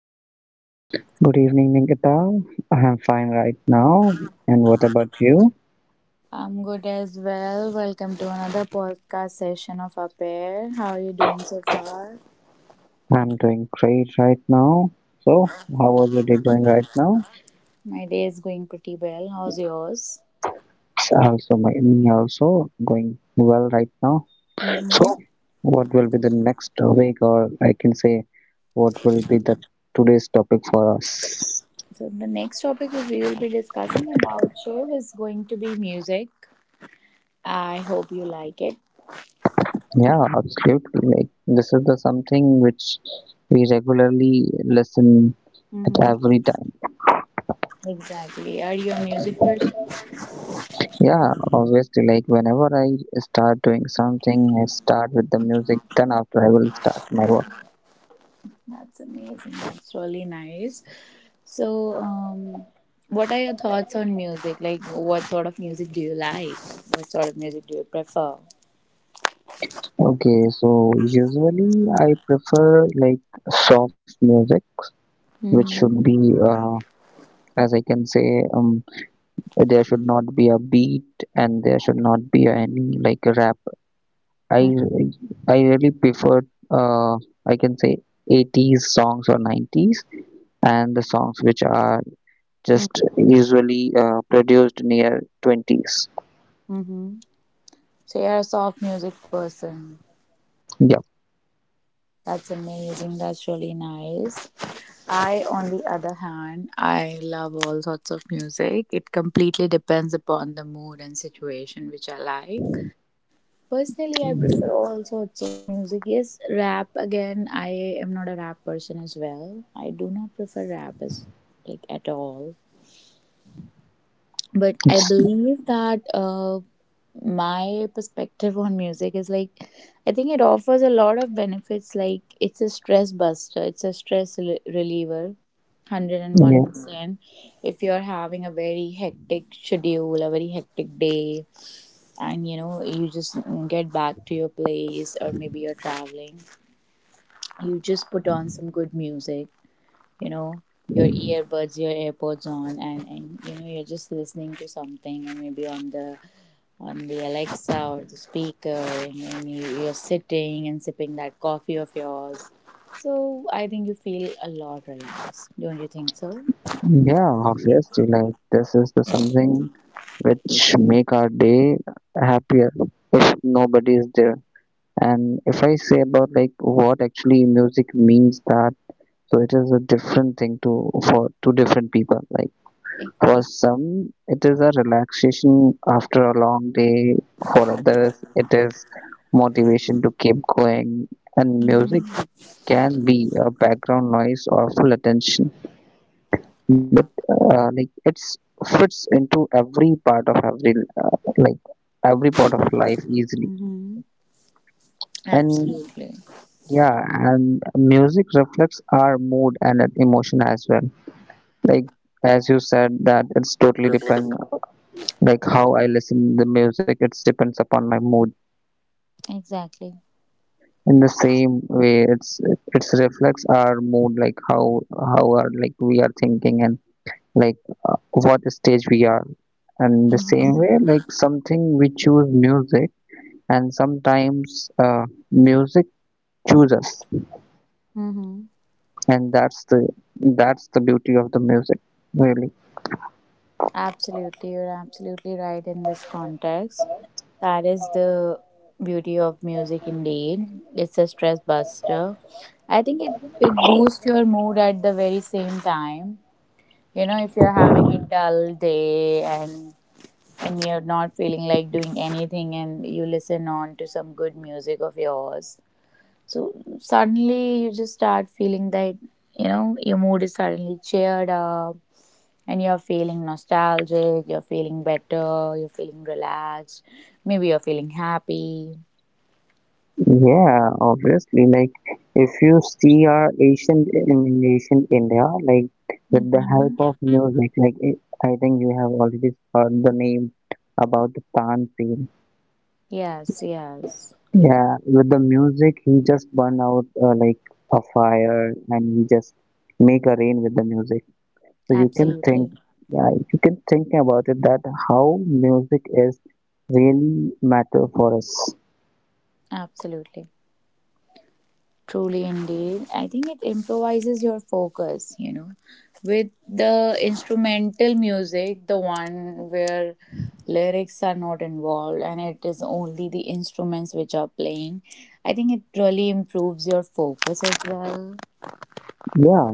evening. Good evening, Nikita. I am fine right now. And what about you? I'm good as well. Welcome to another podcast session of our pair. How are you doing so far? I'm doing great right now. So, how was your day going right now? My day is going pretty well. How's yours? It's also, my me also going well right now. So, Mm-hmm. what will be the next week, or I can say, what will be the today's topic for us? So the next topic that we will be discussing about Shiv is going to be music. I hope you like it. Yeah, absolutely. Like this is the something which we regularly listen at Mm-hmm. every time. Exactly. Are you a music person? Yeah, obviously, like whenever I start doing something, I start with the music, then after I will start my work. That's amazing. That's really nice. So, what are your thoughts on music? Like, what sort of music do you like? What sort of music do you prefer? Okay, so usually I prefer like soft music, which should Mm-hmm. be, as I can say, there should not be a beat and there should not be any like rap. I I really prefer, uh, I can say 80s songs or 90s and the songs which are Mm-hmm. just usually produced near 20s. Mm-hmm. So, you're a soft music person. Yeah, That's amazing. That's really nice. I, on the other hand, I love all sorts of music. It completely depends upon the mood and situation which I like. Personally, I prefer all sorts of music. Yes, rap again. I am not a rap person as well. I do not prefer rap as like at all, but I it's believe that my perspective on music is like, I think it offers a lot of benefits. Like, it's a stress buster, it's a stress reliever yeah, 101%. If you're having a very hectic schedule, a very hectic day, and you know, you just get back to your place, or maybe you're traveling, you just put on some good music, you know, your earbuds, your airpods on, and you know, you're just listening to something, and maybe on the alexa or the speaker, and you're sitting and sipping that coffee of yours. So I think you feel a lot relaxed, don't you think so? yeah, obviously. Like this is the something which make our day happier if nobody is there. And if I say about like what actually music means that, so it is a different thing to for two different people. Like for Exactly. some, it is a relaxation after a long day. For others, it is motivation to keep going. And music Mm-hmm. can be a background noise or full attention but like it's fits into every part of every like every part of life easily Mm-hmm. and Absolutely. yeah, and music reflects our mood and emotion as well, like as you said that it's totally depend, like how I listen the music, it's depends upon my mood. Exactly. In the same way it's reflects our mood, like how are like we are thinking and like what stage we are and the same Mm-hmm. way like something we choose music and sometimes music choose us. Mm-hmm. And that's the beauty of the music, really. Absolutely, you're absolutely right in this context. That is the beauty of music indeed. It's a stress buster. I think it boosts your mood at the very same time. You know, if you're having a dull day, and you're not feeling like doing anything, and you listen on to some good music of yours. So suddenly you just start feeling that, you know, your mood is suddenly cheered up, and you're feeling nostalgic, you're feeling better, you're feeling relaxed, maybe you're feeling happy. Yeah, obviously, like if you see our ancient India, like with the Mm-hmm. help of music, like I think you have already heard the name about the tantra. Yes, yes, Yeah, with the music, he just burn out like a fire, and he just make a rain with the music. So you can think, absolutely, yeah, you can think about it that how music is really matter for us. absolutely. Truly, indeed. I think it improvises your focus, you know, with the instrumental music, the one where lyrics are not involved and it is only the instruments which are playing. I think it really improves your focus as well. Yeah,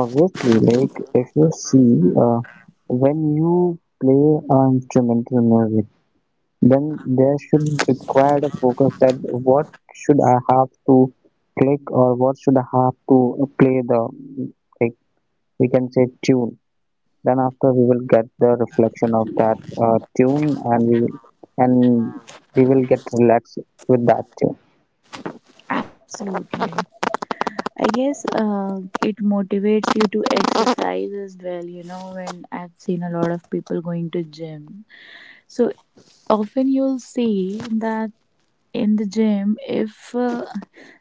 obviously, like if you see, when you play instrumental music, then there should required a focus that what should I have to click or what should I have to play the like. We can say tune, then after we will get the reflection of that tune and and we will get relaxed with that tune. Absolutely. I guess it motivates you to exercise as well, you know, when I've seen a lot of people going to gym. So often you'll see that in the gym, if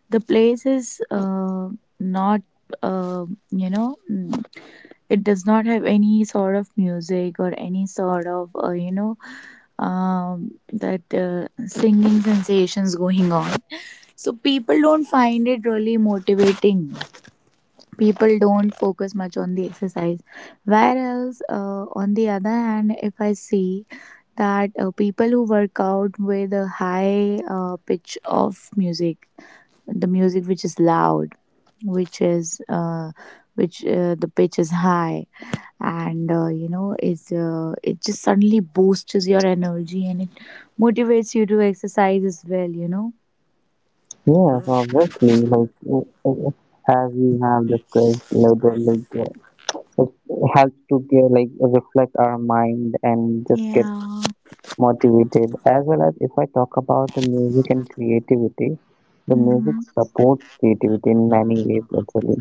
the place is not, uh, you know, it does not have any sort of music or any sort of, you know, that singing sensations going on. So people don't find it really motivating. People don't focus much on the exercise. Whereas, on the other hand, if I see that people who work out with a high pitch of music, the music which is loud, which is which the pitch is high, and you know it just suddenly boosts your energy, and it motivates you to exercise as well. You know. Yes, obviously, like as we have discussed later, like it helps to get like reflect our mind and just get Yeah. motivated. As well, as if I talk about the music and creativity, the music Mm-hmm. supports creativity in many ways, actually.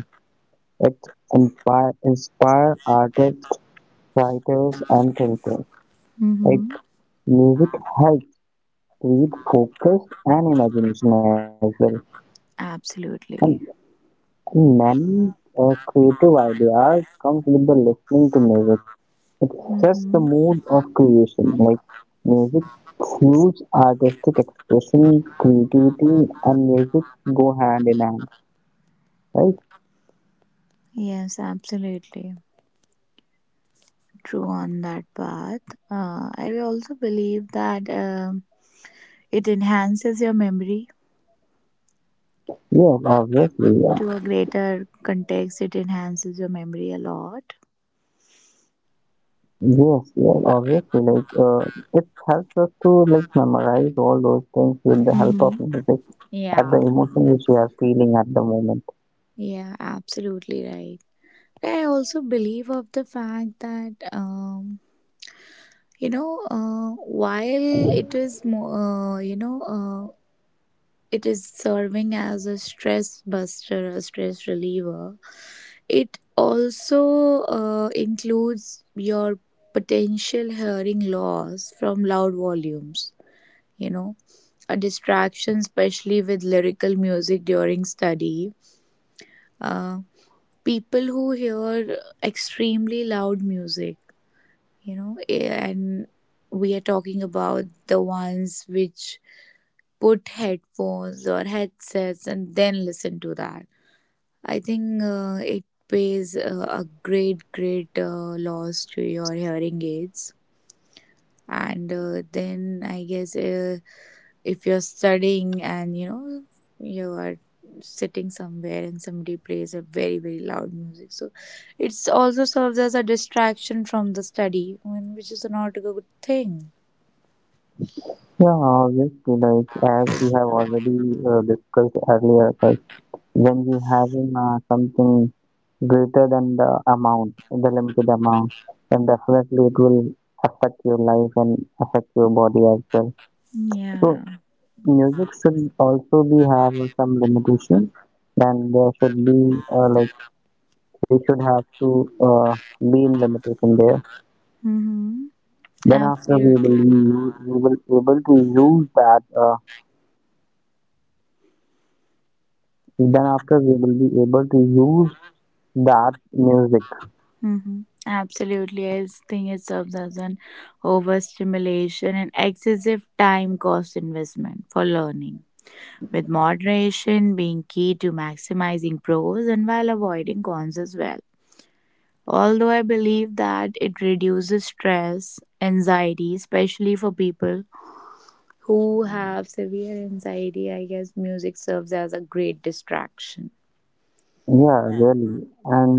It inspire artists, writers and thinkers. Like Mm-hmm. music helps with focus and imagination as well. And Absolutely. many creative ideas comes with the listening to music. It sets the Mm-hmm. mood of creation. Like music fuels artistic expression, creativity, and music go hand in hand. Right? Yes, absolutely true on that path. I also believe that. It enhances your memory Yes, obviously. Yeah. to a greater context. It enhances your memory a lot. Yes, yes, obviously. Like it helps us to like memorize all those things with the help of Hmm. music at Yeah, the emotion which you are feeling at the moment. yeah, absolutely right. I also believe of the fact that you know, while it is more, you know, it is serving as a stress buster, a stress reliever. It also includes your potential hearing loss from loud volumes, you know, a distraction, especially with lyrical music during study. Uh, People who hear extremely loud music, you know, and we are talking about the ones which put headphones or headsets and then listen to that. I think it pays a great, great loss to your hearing aids. And then I guess if you're studying, and you know, you are sitting somewhere and somebody plays a very very loud music, so it's also serves as a distraction from the study which is not a good thing. Yeah, obviously, like as we have already discussed earlier, like when we having something greater than the amount, the limited amount, then definitely it will affect your life and affect your body as well. So Yeah. music should also be have some limitation, then there Mm-hmm. Absolutely. then after we will be able to use that music. Mm-hmm. Absolutely. I think it serves as an overstimulation and excessive time cost investment for learning, with moderation being key to maximizing pros and while avoiding cons as well. Although I believe that it reduces stress, anxiety, especially for people who have severe anxiety, I guess music serves as a great distraction. Yeah, really. And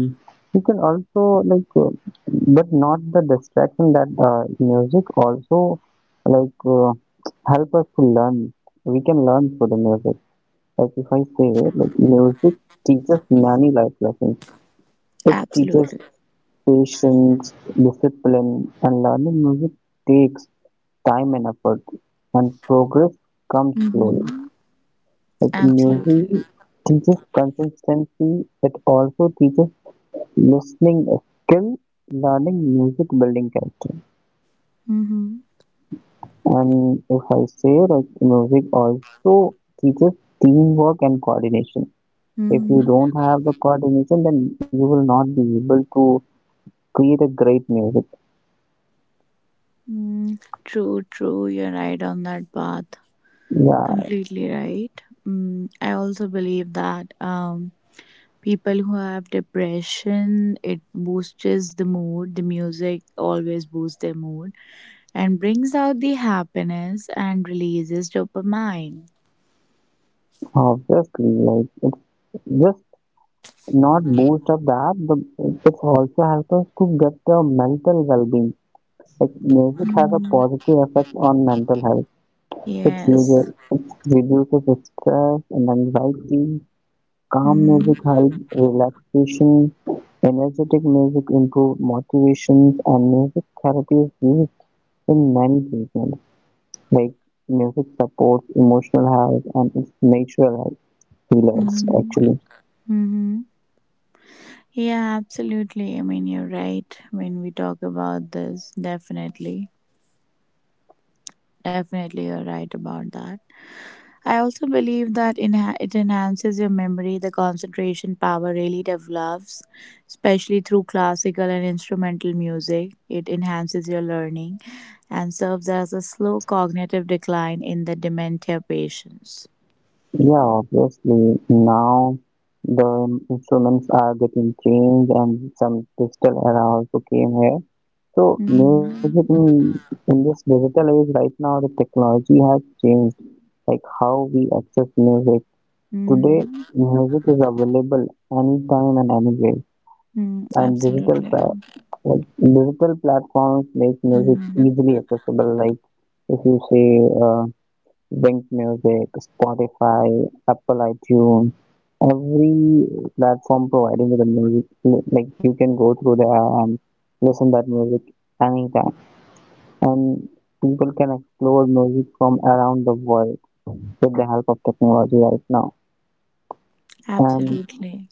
you can also like but not the distraction that music also like help us to learn, we can learn through the music. Like if I say like music teaches many life lessons, it teaches Absolutely. patience, discipline, and learning music takes time and effort, and progress comes slowly. Mm-hmm. It Absolutely. music teaches consistency, it also teaches listening skill, learning music, building character. Mm-hmm. And if I say like music also teaches teamwork and coordination. If you Mm-hmm. don't have the coordination, then you will not be able to create a great music. Mm. True, true. You're right on that path. Yeah, Completely right. Mm. I also believe that people who have depression, it boosts the mood. The music always boosts their mood and brings out the happiness and releases dopamine. obviously, like it's just not boost of that, but it's also helps us to get the mental well-being. Like music has a Mm, positive effect on mental health. It, uses, yes. it reduces stress and anxiety. Calm Mm-hmm. music helps relaxation. Energetic music improves motivations and music therapy is used in many treatments. Like music supports emotional health and it's natural health healers, Mm-hmm. actually. Mm-hmm. Yeah, absolutely. I mean, you're right when we talk about this. Definitely. Definitely, you're right about that. I also believe that it enhances your memory. The concentration power really develops, especially through classical and instrumental music. It enhances your learning and serves as a slow cognitive decline in the dementia patients. Yeah, obviously now the instruments are getting changed and some digital era also came here. So music Mhm. in, in this digital age right now, the technology has changed like how we access music. Today, Mhm. music is available anytime and anywhere, Mhm. and Absolutely. Digital platforms make music Mhm. easily accessible. Like if you say uh, Wink Music, Spotify, Apple iTunes, every platform providing you the music, like you can go through there and listen that music anytime. And people can explore music from around the world with the help of technology right now. And Absolutely.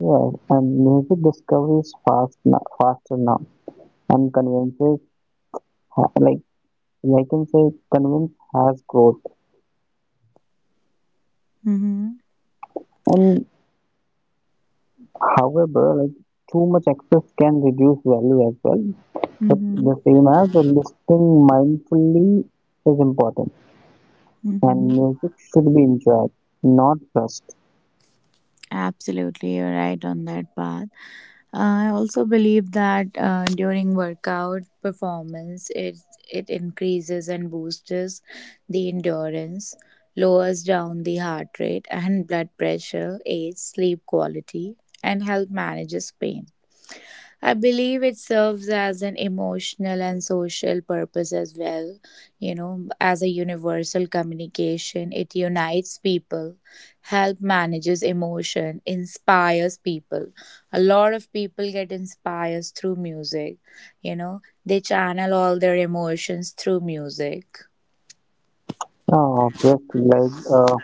yeah, and music discovery is fast now, faster now, and conveniences ha- like I can say convenience has growth. Mhm. And however, like too much access can reduce value as well. But the Mhm. same as the listening mindfully is important, and Mhm. music should be enjoyed, not rushed. Absolutely, you're right on that path. I also believe that during workout performance, it increases and boosts the endurance, lowers down the heart rate and blood pressure, aids sleep quality, and help manages pain. I believe it serves as an emotional and social purpose as well. You know, as a universal communication, it unites people, help manages emotion, inspires people. A lot of people get inspired through music. You know, they channel all their emotions through music. Obviously, like uh,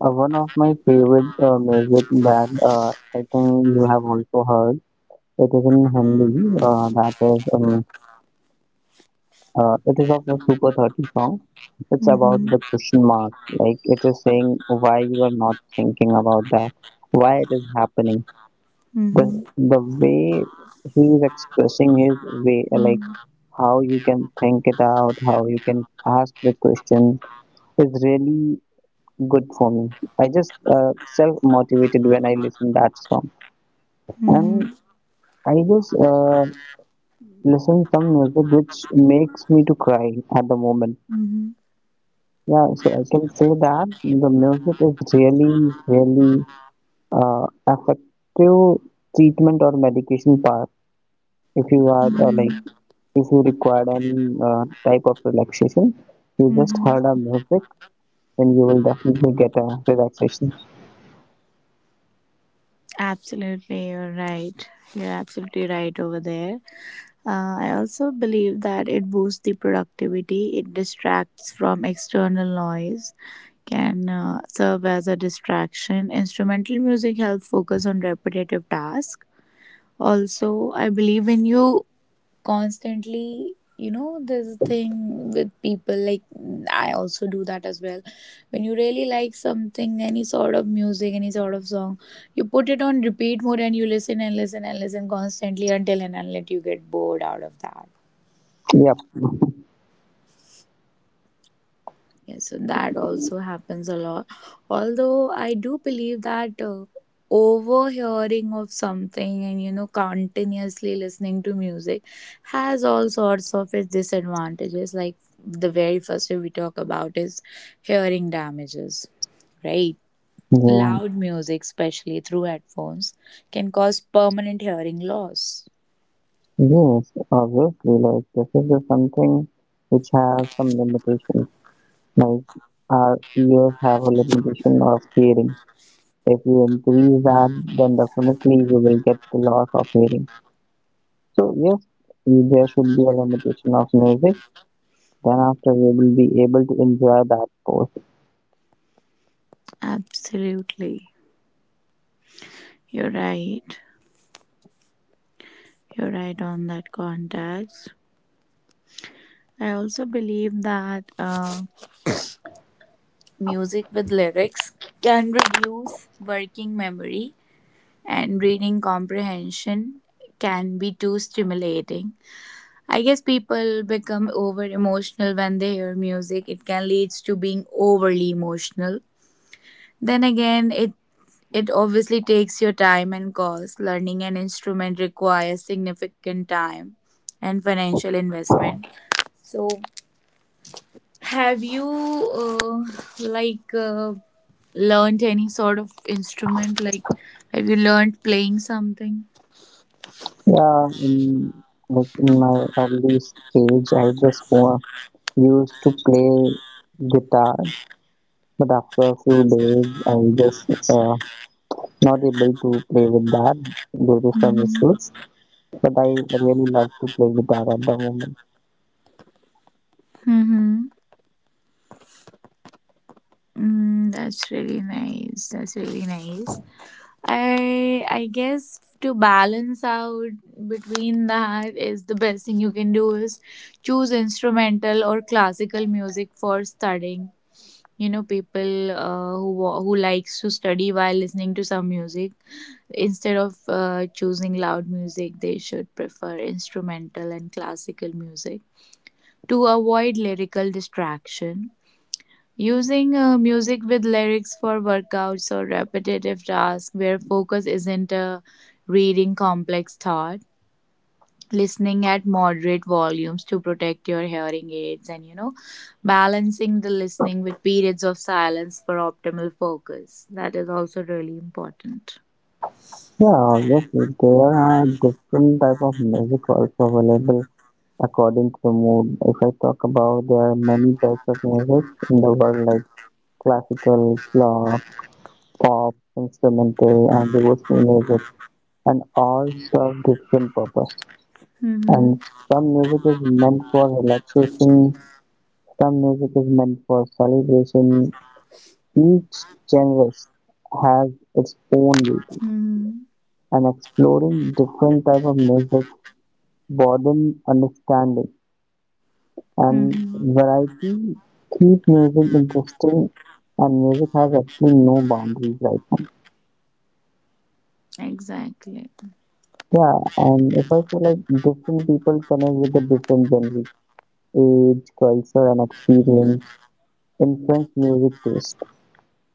Uh, one of my favorite music that I think you have also heard. It is in Hindi. That is, it is of a Super 30 song. It's Mm-hmm. about the question mark. Like it is saying why you are not thinking about that, why it is happening. The Mm-hmm. the way he is expressing his way, like Mm-hmm. how you can think it out, how you can ask the question, is really good for me. I just self motivated when I listen that song. And Mm-hmm. I just listen some music which makes me to cry at the moment. Mm-hmm. Yeah, so I can say that the music is really, really effective treatment or medication part. If you are like, if you require any type of relaxation, you just Mm-hmm. heard a music, then you will definitely get a relaxation. Absolutely, you're right. You're absolutely right over there. I also believe that it boosts the productivity, it distracts from external noise, can serve as a distraction. Instrumental music helps focus on repetitive tasks. Also, I believe in you constantly, you know, there's a thing with people, like I also do that as well. When you really like something, any sort of music, any sort of song, you put it on repeat mode, and you listen and listen and listen constantly until and unless you get bored out of that. Yep. Yes, so that also happens a lot. Although I do believe that overhearing of something, and you know, continuously listening to music has all sorts of its disadvantages. Like, the very first thing we talk about is hearing damages, right? Yeah. Loud music, especially through headphones, can cause permanent hearing loss. Yes, obviously, like this is just something which has some limitations. Like our ears have a limitation of hearing. If you increase that, then definitely you will get the loss of hearing. So yes, there should be a limitation of music. Then after we will be able to enjoy that post. Absolutely. You're right. You're right on that context. I also believe that music with lyrics can reduce working memory, and reading comprehension can be too stimulating. I guess people become over emotional when they hear music. It can lead to being overly emotional. Then again, it obviously takes your time and cost. Learning an instrument requires significant time and financial investment. So have you like learned any sort of instrument? Like, have you learned playing something? Yeah, in like in my early stage, I just used to play guitar, but after a few days, I just not able to play with that due to some issues. Mm-hmm. But I really love to play guitar at the moment. Mm-hmm. Mm, that's really nice. That's really nice. I guess to balance out between that is the best thing you can do is choose instrumental or classical music for studying. You know, people who likes to study while listening to some music. Instead of choosing loud music, they should prefer instrumental and classical music to avoid lyrical distraction. Using music with lyrics for workouts or repetitive tasks where focus isn't reading complex thought. Listening at moderate volumes to protect your hearing aids, and you know, balancing the listening with periods of silence for optimal focus. That is also really important. Yeah, obviously there are different type of music also available according to the mood. If I talk about there are many types of music in the world like classical, pop, instrumental and devotional music and all serve different purpose. Mm-hmm. And some music is meant for relaxation, some music is meant for celebration. Each genre has its own beauty, Mm-hmm. and exploring different type of music boredom, understanding, and Mm-hmm. variety keep music interesting. And music has actually no boundaries right now. Exactly. Yeah, and if I say like different people connect with the different genres, age, culture, and experience influence music taste,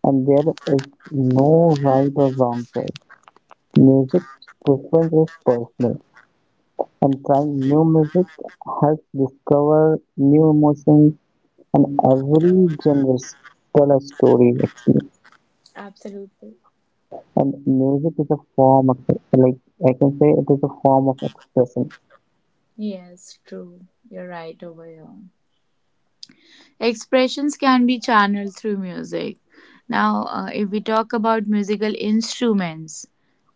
and there is no right or wrong choice. Music preference is personal, and trying new music helps discover new emotions. And every genre tell a story, actually. Absolutely. And music is a form of like I can say it is a form of expression. Yes, true. You're right over here. Expressions can be channeled through music. Now, if we talk about musical instruments,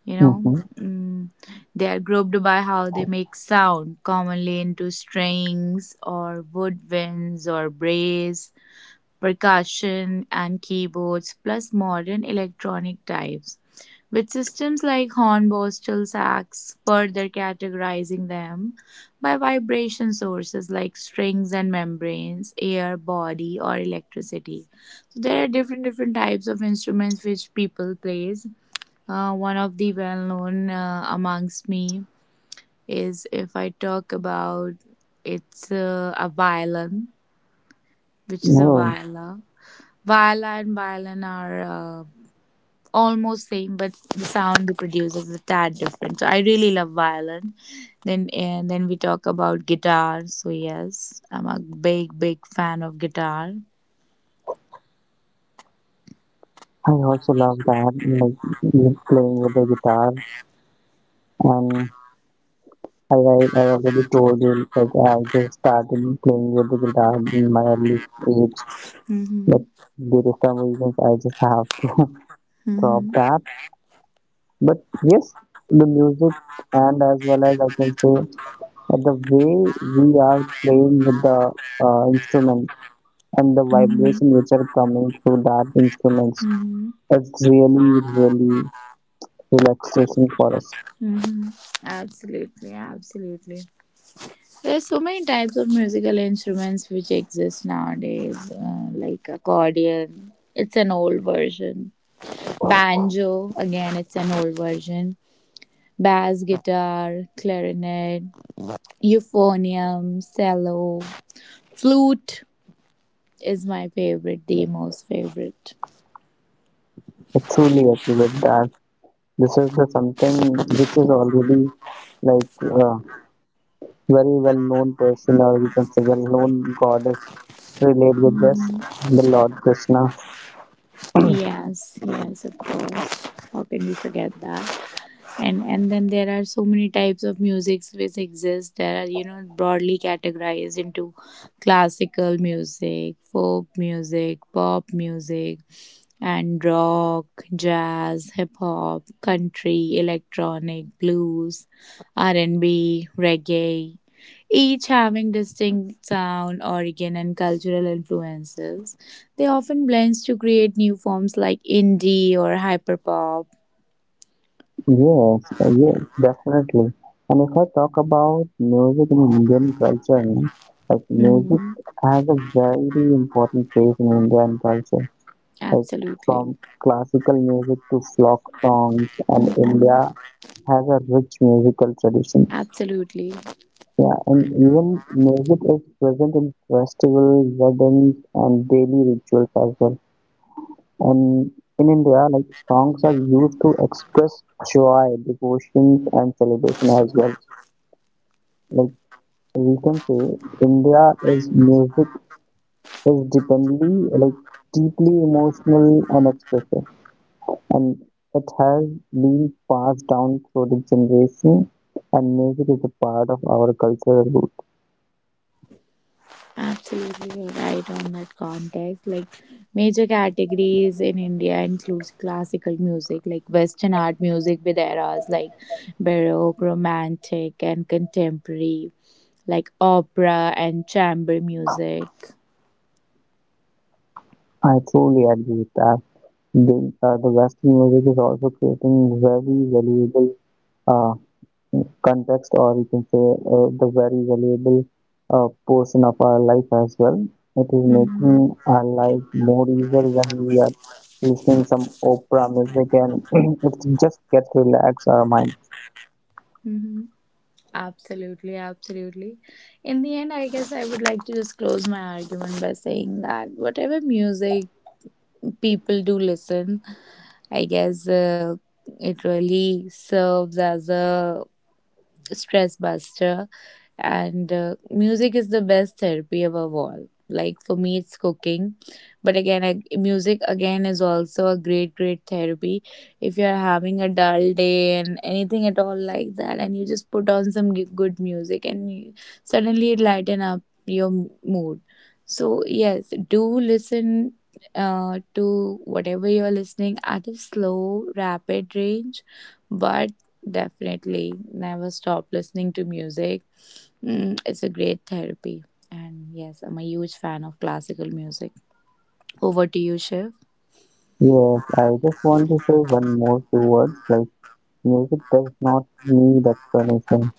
you know, Mm-hmm. mm, they are grouped by how they make sound, commonly into strings or woodwinds or brass, percussion, and keyboards, plus modern electronic types, with systems like Horn-Borstel further categorizing them by vibration sources like strings and membranes, air, body, or electricity. So there are different different types of instruments which people plays. One of the well known amongst me is, if I talk about, it's a violin, which is a No, viola. Viola and violin are almost same, but the sound they produce is a tad different. So I really love violin. Then and then we talk about guitar. So yes, I'm a big big fan of guitar. I also love that, like you playing with the guitar. And I already told you like I just started playing with the guitar in my early age, but Mm-hmm. due to some reasons I just have to drop Mm-hmm. that. But yes, the music and as well as I can say the way we are playing with the instrument and the Mm-hmm. vibration which are coming through that instruments, Mm-hmm. it's really, really relaxation for us. Mm-hmm. Absolutely, absolutely. There's so many types of musical instruments which exist nowadays, like accordion. It's an old version. Banjo, again, it's an old version. Bass guitar, clarinet, euphonium, cello, flute is my favorite, the most favorite. I truly agree with that. This is the something which is already like uh, very well known person or we can say well known goddess relate with this, Mhm. the Lord Krishna. Yes, yes, of course. How can we forget that? And then there are so many types of musics which exist that are, you know, broadly categorized into classical music, folk music, pop music, and rock, jazz, hip hop, country, electronic, blues, r&b, reggae, each having distinct sound origin and cultural influences. They often blend to create new forms like indie or hyperpop. Yes, yes, definitely. And if I talk about music in Indian culture, no, like music Mhm. has a very important place in Indian culture. Like Absolutely. from classical music to folk songs, and Hmm. India has a rich musical tradition. Absolutely. Yeah, and even music is present in festivals, weddings, and daily rituals as well. And in India, like songs are used to express joy, devotion, and celebration as well, like we can say India is music is deeply like deeply emotional and expressive, and it has been passed down through the generation, and music is a part of our cultural root. Absolutely. You're right on that context. Like, major categories in India includes classical music, like Western art music with eras like Baroque, Romantic and contemporary, like opera and chamber music. I truly agree with that. The Western music is also creating very valuable uh, context or you can say the very valuable portion of our life as well. It is making Mm-hmm. our life more easier when we are listening some Oprah music and it's just get relax our mind. Mm-hmm. Absolutely, absolutely. In the end, I guess I would like to just close my argument by saying that whatever music people do listen. I guess it really serves as a stress buster, and music is the best therapy above all. Like, for me it's cooking, but again music again is also a great great therapy. If you're having a dull day and anything at all like that, and you just put on some good music and suddenly it lighten up your mood. So yes, do listen to whatever you're listening at a slow rapid range, but definitely never stop listening to music. Mm, it's a great therapy. And yes, I'm a huge fan of classical music. Over to you, Shiv. Yes, I just want to say one more two words like music does not need explanation,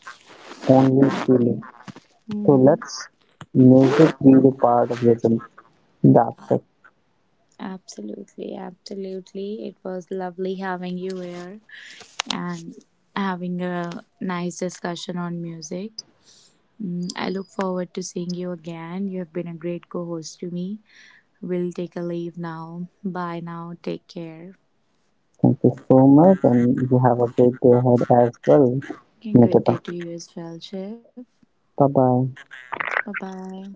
only feeling. Mm-hmm. So let's music be a part of your journey. That's it. Absolutely, absolutely. It was lovely having you here, and having a nice discussion on music. Mm, I look forward to seeing you again. You have been a great co host to me. We'll take a leave now. Bye now. Take care. Thank you so much and you have a great day ahead as well. Okay, good day Nikita. to you as well, Shiv. 拜拜拜拜。